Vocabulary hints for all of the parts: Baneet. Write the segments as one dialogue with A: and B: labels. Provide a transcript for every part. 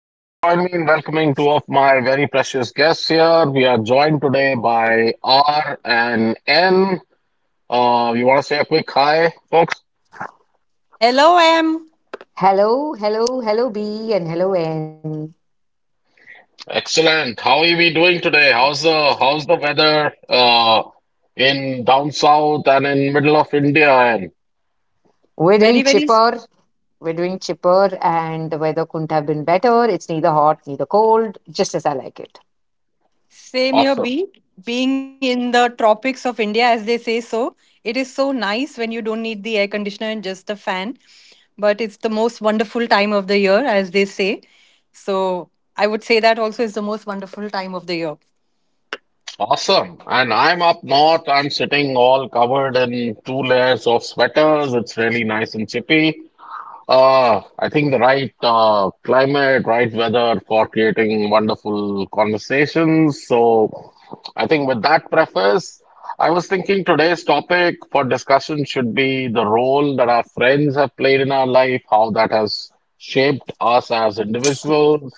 A: Please join me in welcoming two of my very precious guests here. We are joined today by R and N. You want to say a quick hi, folks?
B: Hello, Em.
C: Hello, hello, hello B and hello N.
A: Excellent. How are we doing today? How's the weather in down south and in middle of India? And
C: We're doing
B: Very, very
C: chipper.
B: s-
C: We're doing chipper and the weather couldn't have been better. It's neither hot, neither cold, just as I like it.
B: Same
A: Awesome,
B: here, B. Being in the tropics of India, as they say, so it is so nice when you don't need the air conditioner, just the fan. But it's the most wonderful time of the year, as they say. So I would say that also is the most wonderful time of the year.
A: awesome. And I'm up north. I'm sitting all covered in two layers of sweaters. It's really nice and chippy. I think the right climate, right weather for creating wonderful conversations. So, I think with that preface, I was thinking today's topic for discussion should be the role that our friends have played in our life, how that has shaped us as individuals,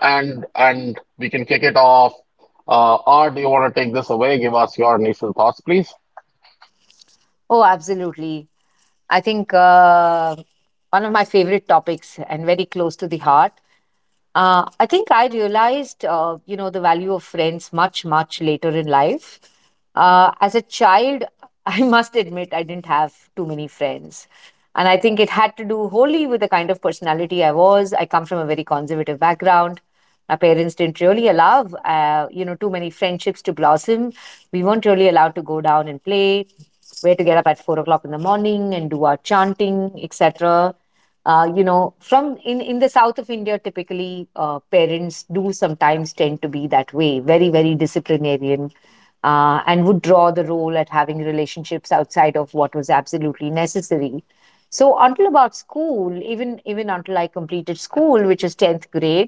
A: and we can kick it off. Or do you want to take this away? Give us your initial thoughts, please.
C: Oh, absolutely. I think one of my favorite topics and very close to the heart. I think I realized, the value of friends much, much later in life. As a child, I must admit, I didn't have too many friends. And I think it had to do wholly with the kind of personality I was. I come from a very conservative background. My parents didn't really allow, too many friendships to blossom. We weren't really allowed to go down and play. We had to get up at 4 o'clock in the morning and do our chanting, etc. From in the south of India, typically, parents do sometimes tend to be that way, very, very disciplinarian, and would draw the role at having relationships outside of what was absolutely necessary. So until about school, even until I completed school, which is 10th grade,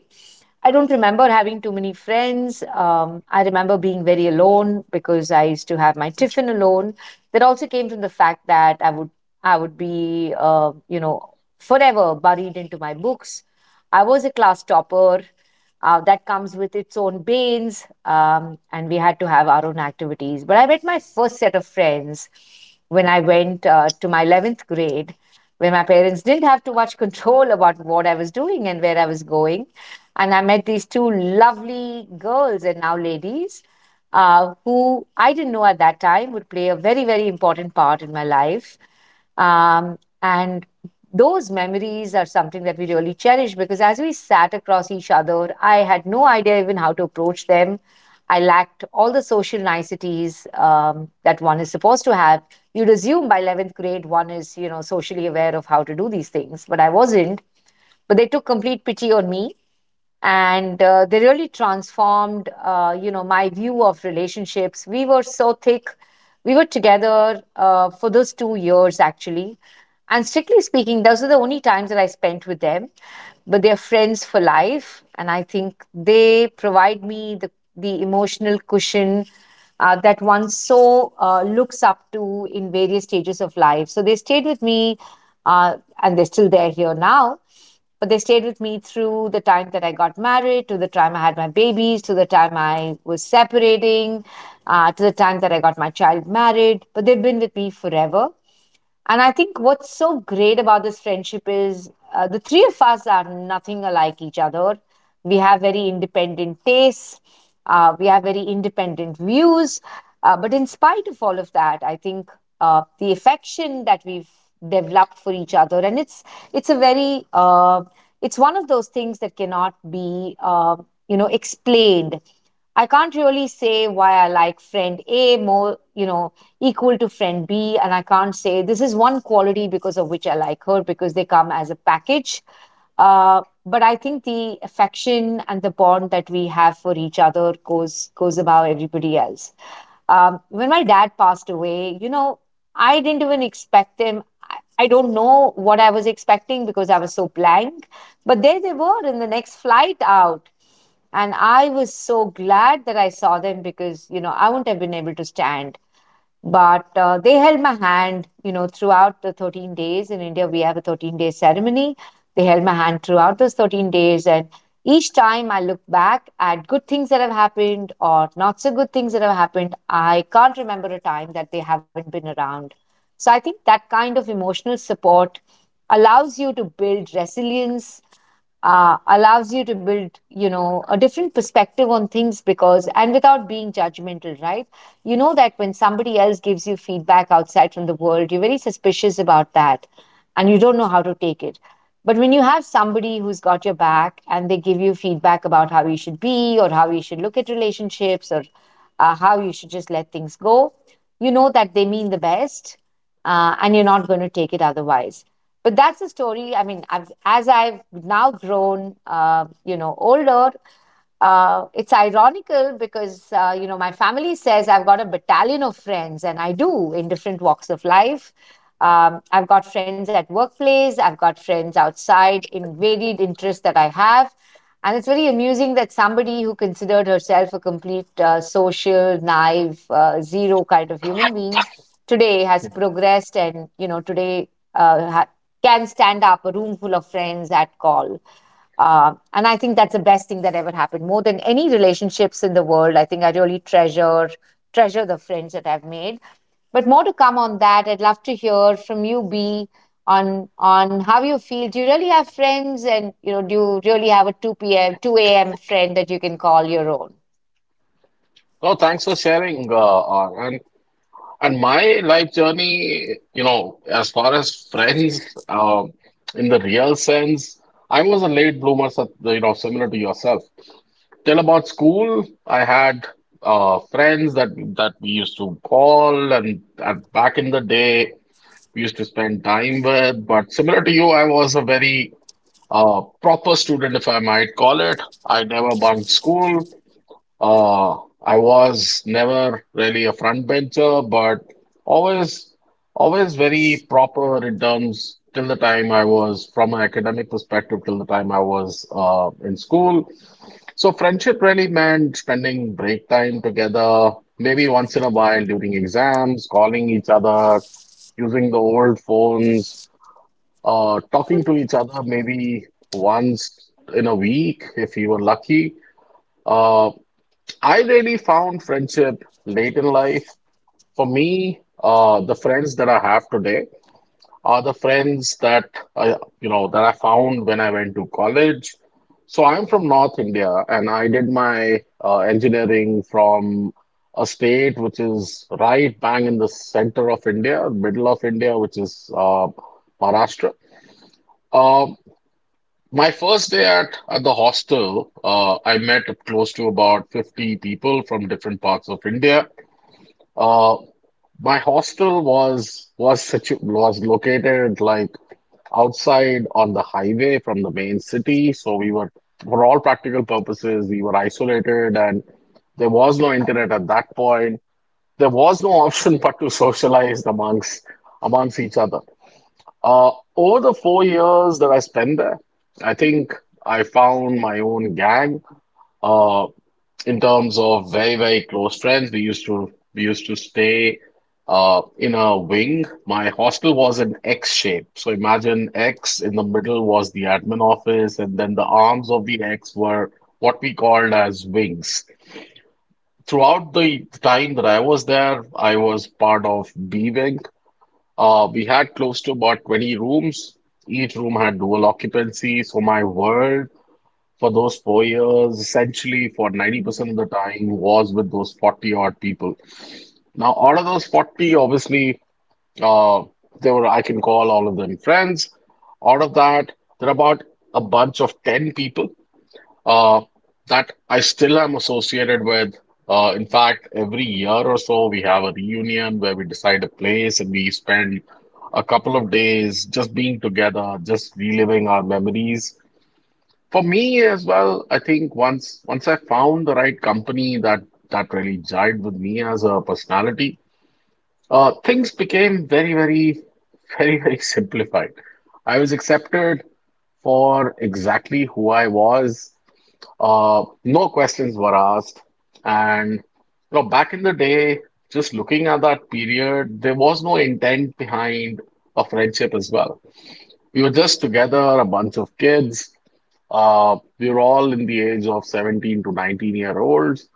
C: I don't remember having too many friends. I remember being very alone because I used to have my tiffin alone. That also came from the fact that I would be forever buried into my books. I was a class topper. That comes with its own banes, and we had to have our own activities. But I met my first set of friends when I went to my 11th grade, where my parents didn't have too much control about what I was doing and where I was going, and I met these two lovely girls and now ladies, who I didn't know at that time would play a very, very important part in my life. And those memories are something that we really cherish because as we sat across each other, I had no idea even how to approach them. I lacked all the social niceties that one is supposed to have. You'd assume by 11th grade one is, you know, socially aware of how to do these things, but I wasn't. But they took complete pity on me, and they really transformed my view of relationships. We were so thick, we were together for those 2 years, actually. And strictly speaking, those are the only times that I spent with them. But they're friends for life, and I think they provide me the emotional cushion that one so looks up to in various stages of life. So they stayed with me, uh, and they're still there here now. But they stayed with me through the time that I got married, to the time I had my babies, to the time I was separating, to the time that I got my child married. But they've been with me forever. And I think what's so great about this friendship is the three of us are nothing alike each other. We have very independent tastes. We have very independent views. But in spite of all of that, I think the affection that we've developed for each other, and it's a very it's one of those things that cannot be explained. I can't really say why I like friend A more, you know, equal to friend B, and I can't say this is one quality because of which I like her, because they come as a package. Uh, but I think the affection and the bond that we have for each other goes above everybody else. When my dad passed away, you know, I didn't even expect him. I don't know what I was expecting because I was so blank. But there they were in the next flight out. And I was so glad that I saw them because, you know, I wouldn't have been able to stand. But they held my hand, you know, throughout the 13 days. In India, we have a 13-day ceremony. They held my hand throughout those 13 days. And each time I look back at good things that have happened or not so good things that have happened, I can't remember a time that they haven't been around. So I think that kind of emotional support allows you to build resilience, allows you to build a different perspective on things, because and without being judgmental, right? You know that when somebody else gives you feedback outside from the world, you're very suspicious about that, and you don't know how to take it. But when you have somebody who's got your back and they give you feedback about how you should be or how you should look at relationships, or how you should just let things go, you know that they mean the best. And you're not going to take it otherwise. But that's the story, I mean, as I've now grown older, it's ironical because my family says I've got a battalion of friends, and I do, in different walks of life. I've got friends at workplace, I've got friends outside in varied interests that I have. And it's very amusing that somebody who considered herself a complete social naive, zero kind of human being today has progressed, and today uh, can stand up a room full of friends at call. And I think that's the best thing that ever happened. More than any relationships in the world, I think I really treasure the friends that I've made. But more to come on that. I'd love to hear from you, B, on how you feel. Do you really have friends, and you know, do you really have a 2 p.m. 2 a.m. friend that you can call your own?
A: So, thanks for sharing, Anand. And my life journey, you know, as far as friends, um, in the real sense, I was a late bloomer, you know, similar to yourself. Till about school, I had friends that we used to call, and back in the day, we used to spend time with. But similar to you, I was a very proper student, if I might call it. I never bunked school. Uh, I was never really a front bencher, but always, always very proper in terms till the time I was from an academic perspective till the time I was in school. So friendship really meant spending break time together, maybe once in a while during exams, calling each other, using the old phones, talking to each other maybe once in a week if you were lucky. Uh, I really found friendship late in life. For me, the friends that I have today are the friends that I found when I went to college. So I'm from North India, and I did my engineering from a state which is right bang in the center of India, middle of India, which is Maharashtra. Um, my first day at the hostel, I met close to about 50 people from different parts of India. Uh, my hostel was located like outside on the highway from the main city, so we were, for all practical purposes, we were isolated, and there was no internet at that point. There was no option but to socialize amongst each other. Over the 4 years that I spent there, I think I found my own gang. Uh, in terms of very, very close friends, we used to stay in a wing. My hostel was an X shape. So imagine X in the middle was the admin office, and then the arms of the X were what we called as wings. Throughout the time that I was there, I was part of B wing. We had close to about 20 rooms. Each room had dual occupancy. So my world for those 4 years, essentially for 90% of the time, was with those 40 odd people. Now, out of those 40, obviously, uh, there were, I can call all of them friends. Out of that, there are about a bunch of 10 people uh, that I still am associated with. In fact, every year or so, we have a reunion where we decide a place and we spend a couple of days just being together, just reliving our memories. For me as well, I think once I found the right company that really jived with me as a personality, things became very, very, very, very simplified. I was accepted for exactly who I was. No questions were asked, and back in the day, just looking at that period, there was no intent behind a friendship as well. We were just together, a bunch of kids. We were all in the age of 17 to 19 year olds.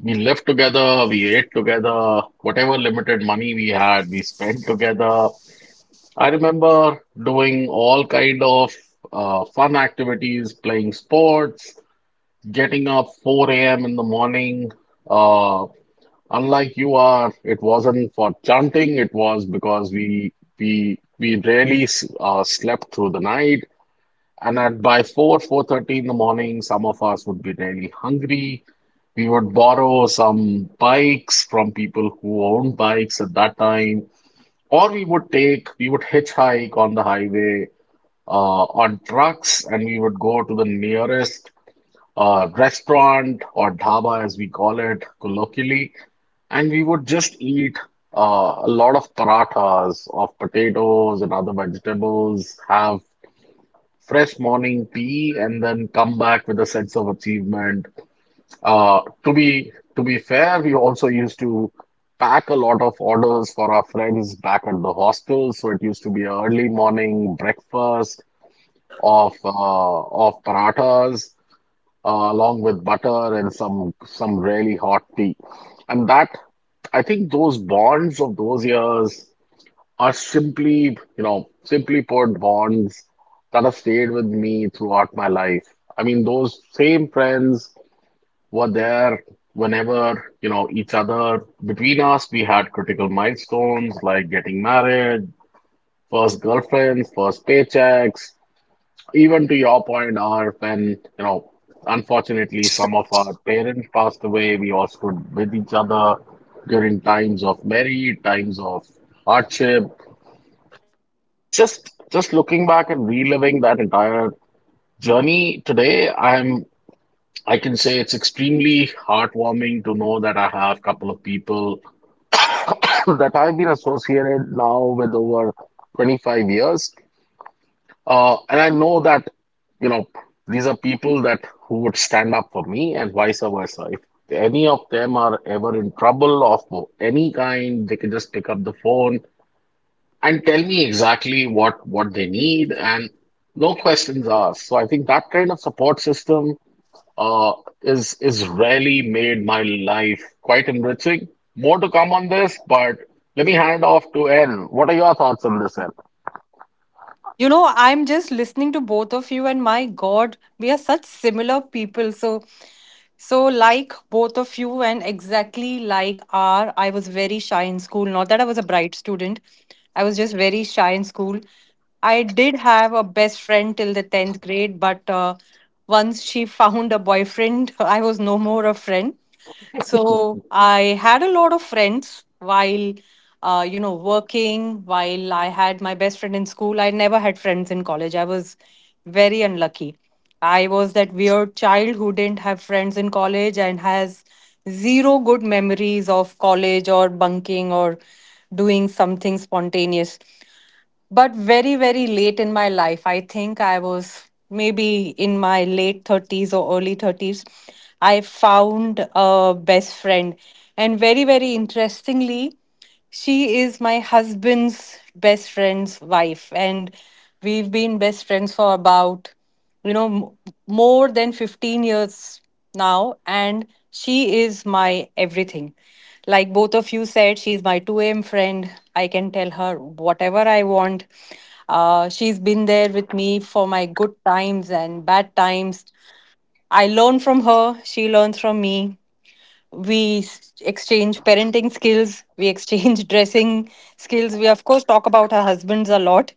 A: We lived together, we ate together, whatever limited money we had, we spent together. I remember doing all kind of fun activities, playing sports, getting up 4 a.m. in the morning. Uh, Unlike you are, it wasn't for chanting, it was because we rarely slept through the night. And at by 4, 4:30 in the morning, some of us would be really hungry. We would borrow some bikes from people who owned bikes at that time, or we would hitchhike on the highway on trucks, and we would go to the nearest restaurant or dhaba, as we call it colloquially, and we would just eat a lot of parathas of potatoes and other vegetables, have fresh morning tea and then come back with a sense of achievement. To be fair, we also used to pack a lot of orders for our friends back at the hostel. So it used to be a early morning breakfast of parathas along with butter and some really hot tea, and that I think those bonds of those years are simply, put, bonds that have stayed with me throughout my life. I mean, those same friends were there whenever, you know, each other between us, we had critical milestones like getting married, first girlfriends, first paychecks. Even to your point, or when, you know, unfortunately some of our parents passed away, we all stood with each other during times of merry, times of hardship. It's just looking back and reliving that entire journey today, I can say it's extremely heartwarming to know that I have a couple of people that I've been associated now with over 25 years. And I know that, you know, these are people that who would stand up for me and vice versa. If any of them are ever in trouble of any kind, they can just pick up the phone and tell me exactly what they need and no questions asked. So I think that kind of support system uh, is really made my life quite enriching. More to come on this, but let me hand off to N. What are your thoughts on this, N?
B: You know, I'm just listening to both of you, and my God, we are such similar people. So like both of you, and exactly like R, I was very shy in school. Not that I was a bright student, I was just very shy in school. I did have a best friend till the 10th grade, but once she found a boyfriend, I was no more a friend. So I had a lot of friends while, you know, working, while I had my best friend in school. I never had friends in college. I was very unlucky. I was that weird child who didn't have friends in college and has zero good memories of college or bunking or doing something spontaneous, but very late in my life. I think I was maybe in my late 30s or early 30s, I found a best friend. And very, very interestingly, she is my husband's best friend's wife, and we've been best friends for about, you know, more than 15 years now. And she is my everything. Like both of you said, she's my 2 a.m. friend. I can tell her whatever I want. She's been there with me for my good times and bad times. I learn from her, she learns from me. Exchange parenting skills, we exchange dressing skills, we of course talk about our husbands a lot.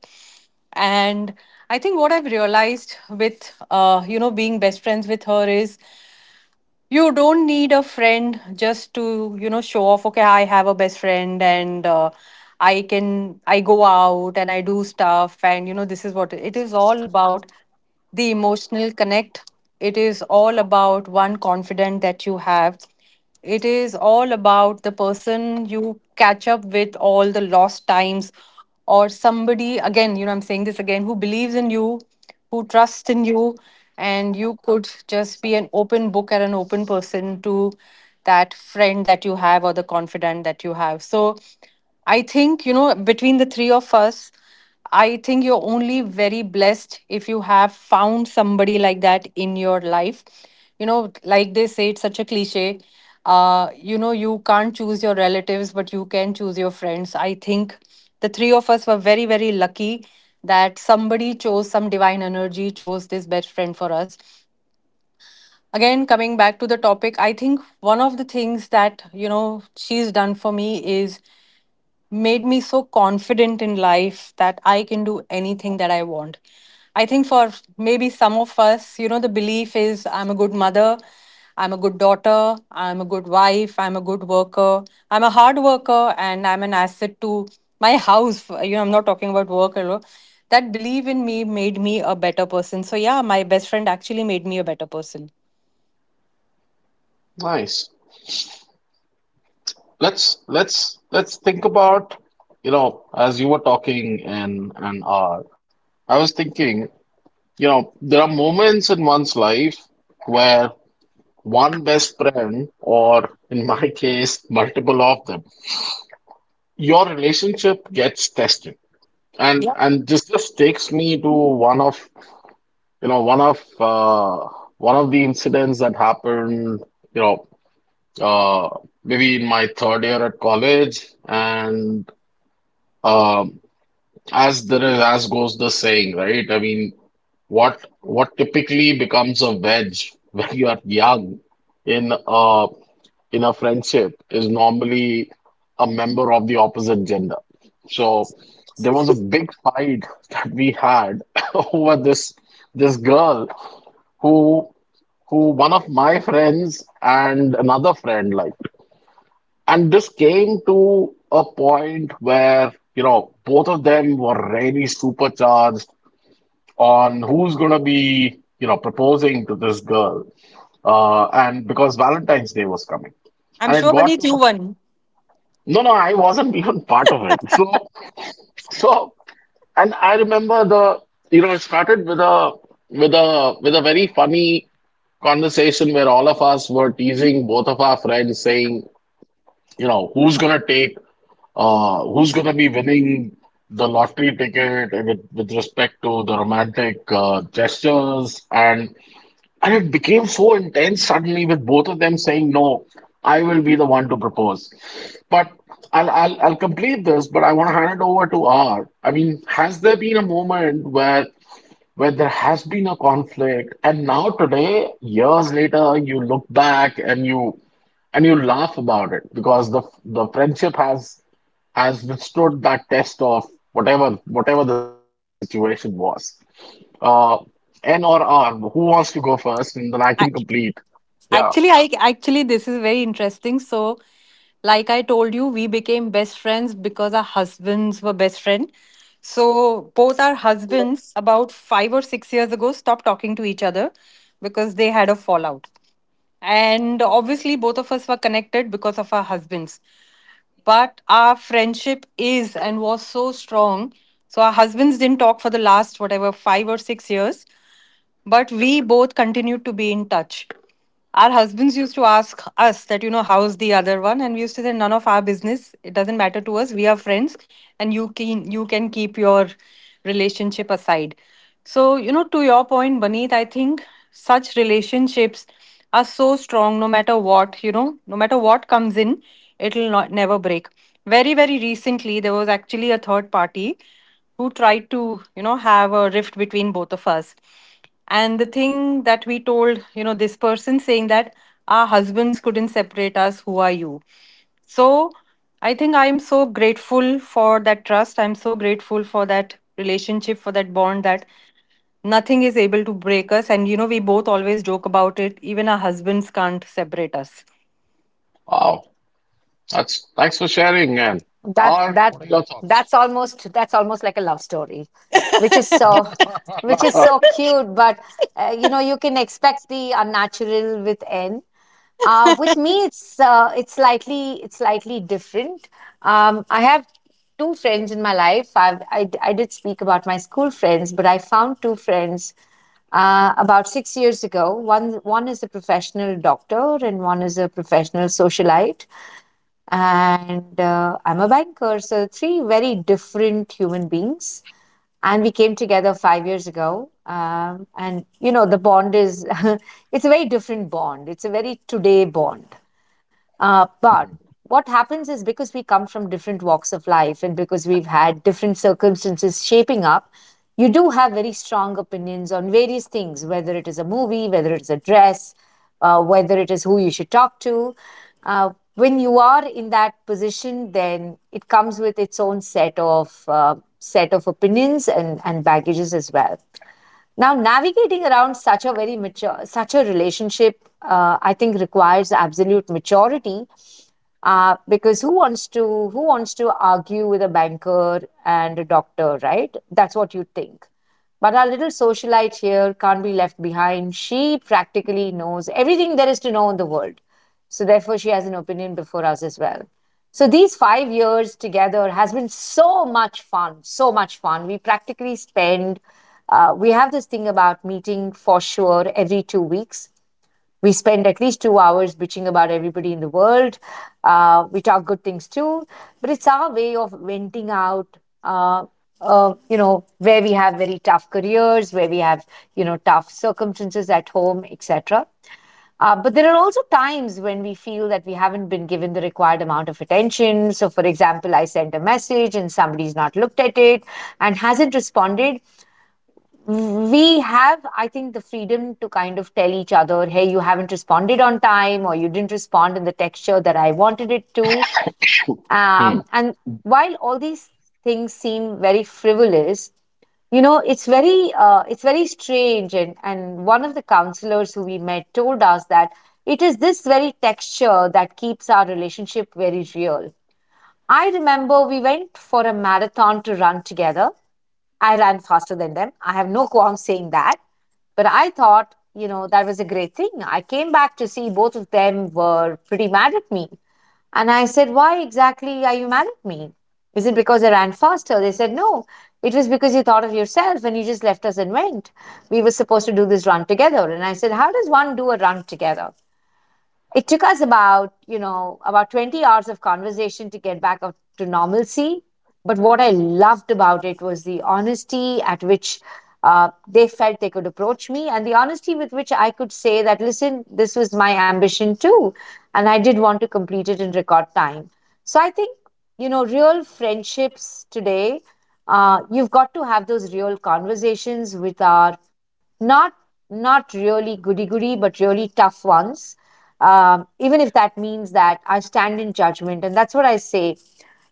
B: And I think what I've realized with, you know, being best friends with her is you don't need a friend just to, you know, show off, okay, I have a best friend. And I can, I go out and I do stuff, and you know, this is what it is all about. The emotional connect. It is all about one confident that you have. It is all about the person you catch up with all the lost times, or somebody. Again, you know, I'm saying this again, who believes in you, who trusts in you, and you could just be an open book and an open person to that friend that you have, or the confidant that you have. So I think, you know, between the three of us, I think you're only very blessed if you have found somebody like that in your life. You know, like they say, it's such a cliche. You know, you can't choose your relatives, but you can choose your friends. I think the three of us were very, very lucky that somebody chose, some divine energy chose this best friend for us. Again, coming back to the topic, I think one of the things that, you know, she's done for me is made me so confident in life that I can do anything that I want. I think for maybe some of us, you know, the belief is I'm a good mother, I'm a good daughter, I'm a good wife, I'm a good worker, I'm a hard worker, and I'm an asset to my house. You know, I'm not talking about work alone. That belief in me made me a better person. So yeah, my best friend actually made me a better person.
A: Nice. Let's think about, you know, as you were talking and R, I was thinking, you know, there are moments in one's life where one best friend, or in my case, multiple of them, your relationship gets tested. And this just takes me to one of you know one of uh, one of the incidents that happened, you know uh, maybe in my third year at college, and um, as goes the saying, right? I mean, what typically becomes a wedge when you are young in a friendship is normally a member of the opposite gender. So there was a big fight that we had over this girl who who one of my friends and another friend liked. And this came to a point where, you know, both of them were really supercharged on who's gonna be, you know, proposing to this girl. And because Valentine's Day was coming.
B: I'm
A: And it
B: sure,
A: got
B: Praneet,
A: to
B: you
A: a
B: won.
A: No, no, I wasn't even part of it. So, and I remember the, you know, it started with a with a very funny conversation where all of us were teasing both of our friends, saying, you know, who's gonna be winning the lottery ticket with respect to the romantic gestures, and it became so intense suddenly with both of them saying, "No, I will be the one to propose." But I'll complete this, but I want to hand it over to R. I mean, has there been a moment where there has been a conflict and now today, years later, you look back and you laugh about it because the friendship has withstood that test of whatever the situation was. Uh, N or R, who wants to go first? And then I can
B: I,
A: complete. Yeah.
B: I actually this is very interesting. So, like I told you, we became best friends because our husbands were best friends. So both our husbands, about 5 or 6 years ago, stopped talking to each other because they had a fallout. And obviously, both of us were connected because of our husbands. But our friendship is and was so strong. So our husbands didn't talk for the last whatever 5 or 6 years. But we both continued to be in touch. Our husbands used to ask us that, you know, how's the other one? And we used to say, none of our business. It doesn't matter to us. We are friends, and you can keep your relationship aside. So, you know, to your point, Baneet, I think such relationships are so strong. No matter what, you know, no matter what comes in, it'll not never break. Very, very recently, there was actually a third party who tried to, you know, have a rift between both of us. And the thing that we told, you know, this person, saying that our husbands couldn't separate us, who are you? So I think I'm so grateful for that trust. I'm so grateful for that relationship, for that bond that nothing is able to break us. And, you know, we both always joke about it. Even our husbands can't separate us.
A: Wow. That's Thanks for sharing, and
C: that
A: or
C: that
A: what are your thoughts?
C: that's almost like a love story, which is so which is so cute. But you can expect the unnatural with N. With me it's slightly different. I have two friends in my life. I've, I, d- I did speak about my school friends, but I found two friends about 6 years ago. One is a professional doctor and one is a professional socialite, and I'm a banker. So, three very different human beings. And we came together 5 years ago. And, you know, the bond is, it's a very different bond. It's a very today bond. But what happens is because we come from different walks of life and because we've had different circumstances shaping up, you do have very strong opinions on various things, whether it is a movie, whether it's a dress, whether it is who you should talk to. When you are in that position, then it comes with its own set of opinions, and baggages as well. Now, navigating around such a very mature, such a relationship, I think requires absolute maturity, because who wants to argue with a banker and a doctor, right? That's what you think. But our little socialite here can't be left behind. She practically knows everything there is to know in the world. So therefore, she has an opinion before us as well. So these 5 years together has been so much fun, so much fun. We have this thing about meeting for sure every 2 weeks. We spend at least 2 hours bitching about everybody in the world. We talk good things too, but it's our way of venting out, Uh, where we have very tough careers, where we have tough circumstances at home, etc. But there are also times when we feel that we haven't been given the required amount of attention. So, for example, I sent a message and somebody's not looked at it and hasn't responded. We have, I think, the freedom to kind of tell each other, hey, you haven't responded on time or you didn't respond in the texture that I wanted it to.
A: Hmm.
C: And while all these things seem very frivolous, you know it's very strange and one of the counselors who we met told us that it is this very texture that keeps our relationship very real. I remember we went for a marathon to run together. I ran faster than them. I have no qualm saying that. But I thought, you know, that was a great thing. I came back to see both of them were pretty mad at me. And I said, why exactly are you mad at me? Is it because I ran faster? They said, "No, it was because you thought of yourself and you just left us and went. We were supposed to do this run together." And I said, "How does one do a run together?" It took us about, about 20 hours of conversation to get back up to normalcy. But what I loved about it was the honesty at which they felt they could approach me, and the honesty with which I could say that, listen, this was my ambition too, and I did want to complete it in record time. So I think, real friendships today, you've got to have those real conversations with our, not, not really goody goody, but really tough ones, even if that means that I stand in judgment. And that's what I say.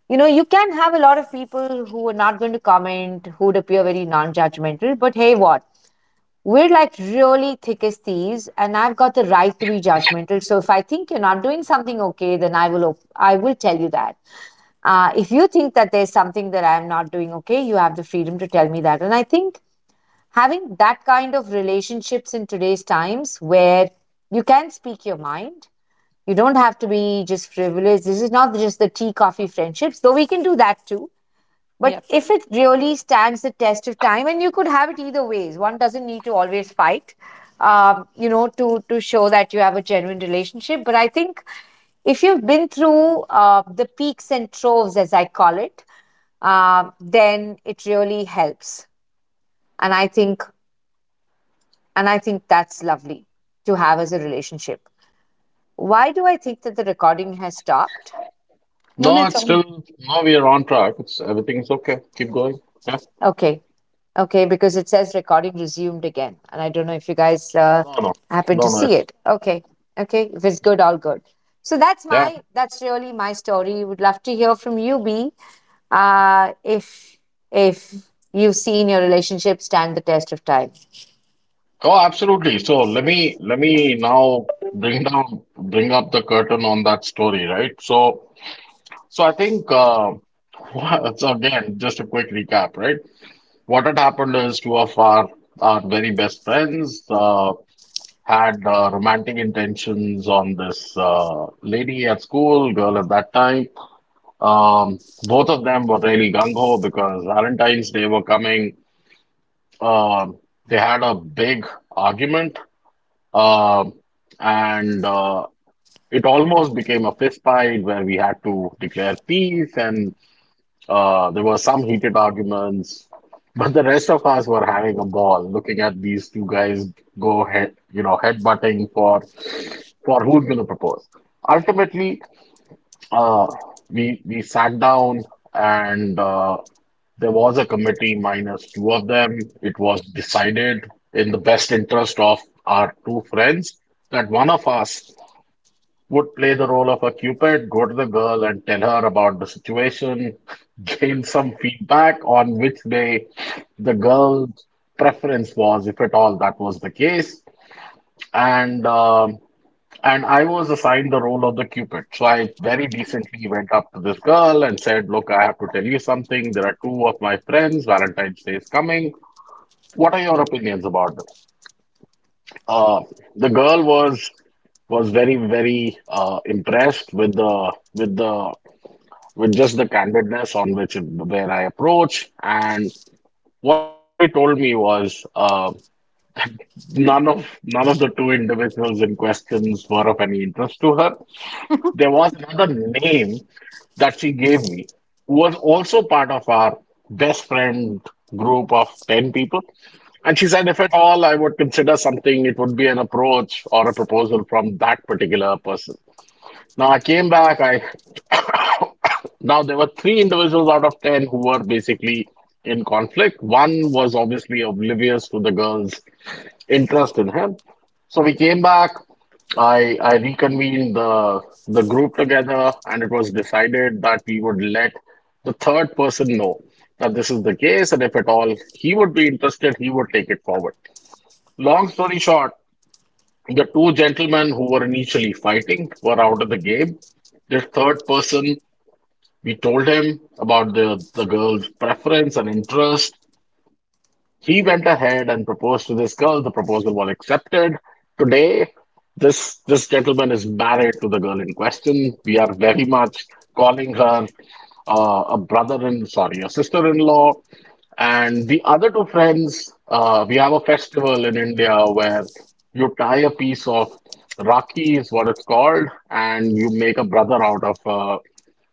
C: You know, you can have a lot of people who are not going to comment, who would appear very non judgmental, but hey, what? We're like really thick as thieves, and I've got the right to be judgmental. So if I think you're not doing something okay, then I will tell you that. If you think that there's something that I'm not doing okay, you have the freedom to tell me that. And I think having that kind of relationships in today's times, where you can speak your mind, you don't have to be just frivolous. This is not just the tea coffee friendships, though we can do that too.
B: Yeah.
C: But if it really stands the test of time, and you could have it either ways, one doesn't need to always fight, to show that you have a genuine relationship. But I think
B: No, no,
A: No,
B: it's
A: it's
B: all
A: still no. We are on track. It's Everything's okay. Keep going. Yeah.
C: okay, because it says recording resumed again, and I don't know if you guys
A: No, no,
C: happen
A: no,
C: to
A: no.
C: see
A: It's
C: it. Okay, okay, if it's good, all good. So
A: Yeah.
C: that's really my story. Would love to hear from you, B. Uh, if if you've seen your relationship stand the test of time.
A: Oh, absolutely. So let me now bring up the curtain on that story, right? So I think so again, just a quick recap, right? What had happened is two of our very best friends. Had romantic intentions on this lady at school, girl at that time. Both of them were really gung ho because Valentine's Day were coming. Um they had a big argument, um, and it almost became a fist fight where we had to declare peace. And there were some heated arguments, but the rest of us were having a ball looking at these two guys go head, headbutting for who's going to propose. Ultimately, uh, we sat down and there was a committee minus two of them. It was decided in the best interest of our two friends that one of us would play the role of a cupid, go to the girl and tell her about the situation, gain some feedback on which way the girl's preference was, if at all that was the case. And um and I was assigned the role of the cupid. So I very decently went up to this girl and said, "Look, I have to tell you something. There are two of my friends. Valentine's Day is coming. What are your opinions about them?" Uh, the girl was very very impressed with the with just the candidness on which where I approach. And what she actually told me was none of the two individuals in questions were of any interest to her. There was another name that she gave me who was also part of our best friend group of 10 people. And she said, if at all I would consider something, it would be an approach or a proposal from that particular person. Now I came back, I Now, there were three individuals out of 10 who were basically in conflict. One was obviously oblivious to the girl's interest in him. So we came back. I reconvened the group together, and it was decided that we would let the third person know that this is the case, and if at all he would be interested, he would take it forward. Long story short, the two gentlemen who were initially fighting were out of the game. This third person we told him about the girl's preference and interest. He went ahead and proposed to this girl. The proposal was accepted. Today, this gentleman is married to the girl in question. We are very much calling her a brother in, sorry, a sister-in-law. And the other two friends, we have a festival in India where you tie a piece of Rakhi is what it's called, and you make a brother out of uh,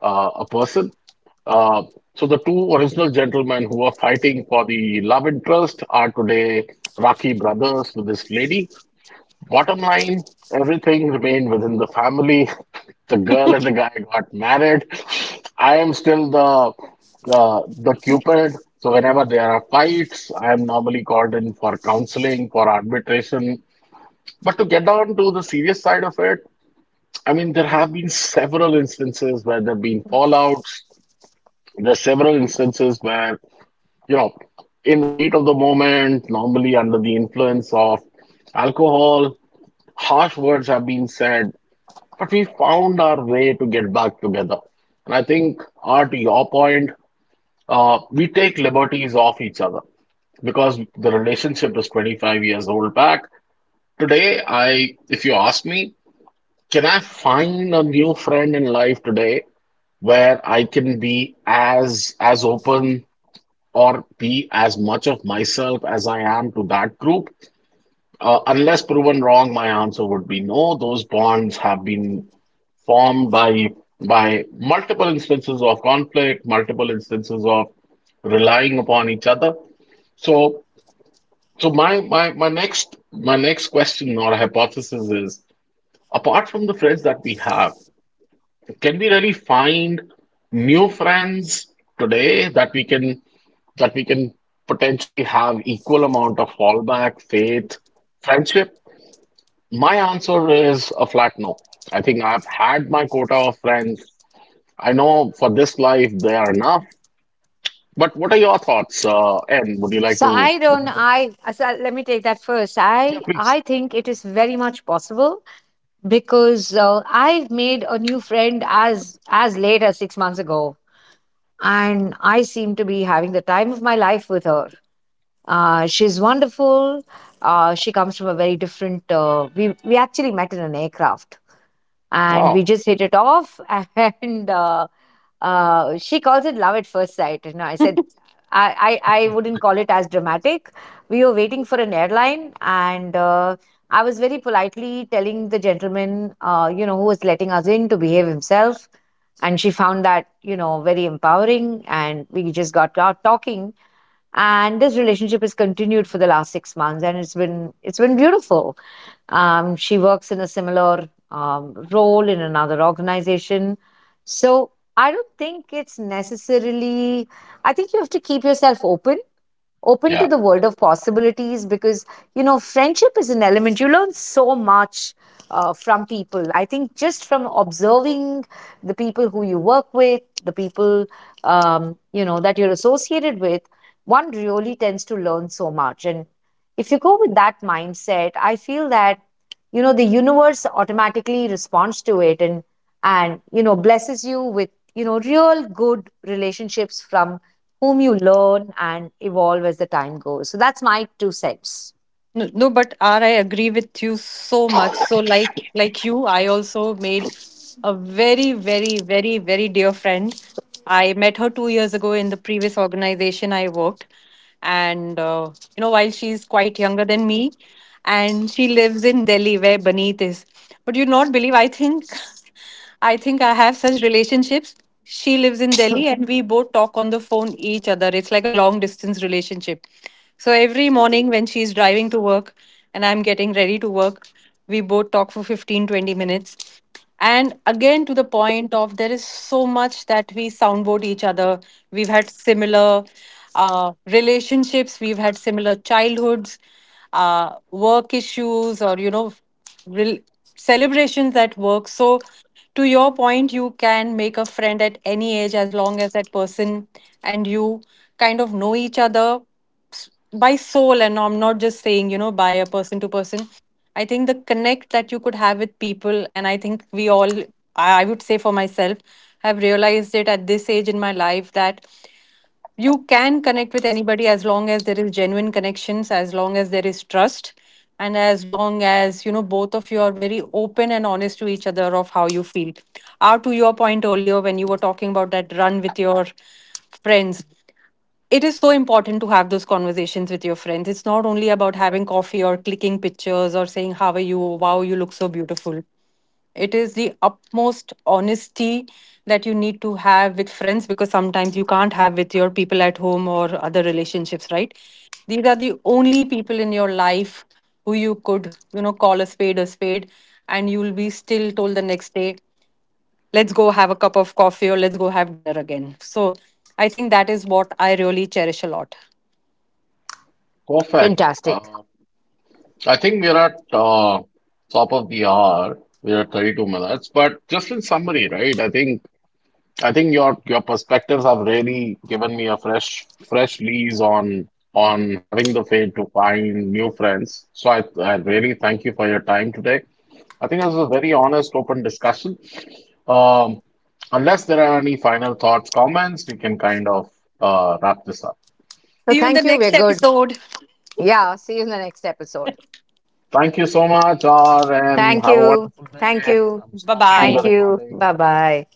A: uh, a person. Uh, so the two original gentlemen who were fighting for the love interest are today Rakhi brothers with this lady. Bottom line, everything remained within the family. The girl and the guy got married. I am still the cupid. So whenever there are fights, I am normally called in for counseling, for arbitration. But to get down to the serious side of it, I mean, there have been several instances where there have been fallouts. There are several instances where you know, in the heat of the moment, normally under the influence of alcohol, harsh words have been said, but we found our way to get back together. And I think, Art, to your point, we take liberties off each other because the relationship is 25 years old back. Today, I, if you ask me, can I find a new friend in life today where I can be as open or be as much of myself as I am to that group? Unless proven wrong, my answer would be no. Those bonds have been formed by multiple instances of conflict, multiple instances of relying upon each other. So, so my next question or hypothesis is: apart from the friends that we have, can we really find new friends today that we can that we can potentially have equal amount of fallback, faith, friendship? My answer is a flat no. I think I've had my quota of friends. I know for this life they are enough. But what are your thoughts, N? Would you like
C: So
A: to?
C: I
A: Would
C: don't.
A: you like?
C: I So let me take that first.
A: Yeah,
C: I
A: please.
C: I think it is very much possible because I've made a new friend as late as 6 months ago, and I seem to be having the time of my life with her. She's wonderful. She comes from a very different. Uh, we actually met in an aircraft, and we
A: Wow.
C: just hit it off. And She calls it love at first sight. You know, I said I wouldn't call it as dramatic. We were waiting for an airline, and I was very politely telling the gentleman, who was letting us in to behave himself. And she found that, you know, very empowering. And we just got out talking. And this relationship has continued for the last 6 months, and it's been beautiful. She works in a similar role in another organization, so I don't think it's necessarily, I think you have to keep yourself open, open to
A: Yeah.
C: the world of possibilities because you know friendship is an element. You learn so much from people. I think just from observing the people who you work with, the people you know that you're associated with, one really tends to learn so much. And if you go with that mindset, I feel that you know the universe automatically responds to it, and you know blesses you with, you know, real good relationships from whom you learn and evolve as the time goes. So that's my two cents.
D: No, no, but R, I agree with you so much. So like you, I also made a very, very, very, very dear friend. I met her 2 years ago in the previous organization I worked. And while she's quite younger than me, and she lives in Delhi where Baneet is. But you not believe, I think I think I have such relationships. She lives in Delhi and we both talk on the phone each other. It's like a long distance relationship. So every morning when she's driving to work and I'm getting ready to work, we both talk for 15, 20 minutes. And again, to the point of there is so much that we soundboard each other. We've had similar relationships, we've had similar childhoods, work issues, or, you know, real celebrations at work. So to your point, you can make a friend at any age as long as that person and you kind of know each other s- by soul, and I'm not just saying, you know, by a person to person. I think the connect that you could have with people, and I think we all, I would say for myself, have realized it at this age in my life that you can connect with anybody as long as there is genuine connections, as long as there is trust, and as long as, you know, both of you are very open and honest to each other of how you feel are. To your point earlier when you were talking about that run with your friends, it is so important to have those conversations with your friends. It's not only about having coffee or clicking pictures or saying how are you, wow, you look so beautiful. It is the utmost honesty that you need to have with friends, because sometimes you can't have with your people at home or other relationships, right? These are the only people in your life who you could, you know, call a spade a spade, and you'll be still told the next day, let's go have a cup of coffee or let's go have dinner again. So I think that is what I really cherish a lot.
A: Perfect.
C: Fantastic.
A: I think we're at top of the hour. We're at 32 minutes. But just in summary, right? I think your perspectives have really given me a fresh lease on having the faith to find new friends. So I really thank you for your time today. I think this was a very honest, open discussion. Um, unless there are any final thoughts, comments, we can kind of wrap this up.
C: So
D: See you in the
C: thank you. We're
D: next
C: good.
D: episode.
C: Yeah. See you in the next episode.
A: Thank you so much, R, and
C: Thank
A: have a
C: you.
A: wonderful
C: Thank
A: day.
C: you.
A: I'm
D: Bye
A: stopping the
C: Thank
D: bye.
C: you.
A: recording.
C: Bye bye.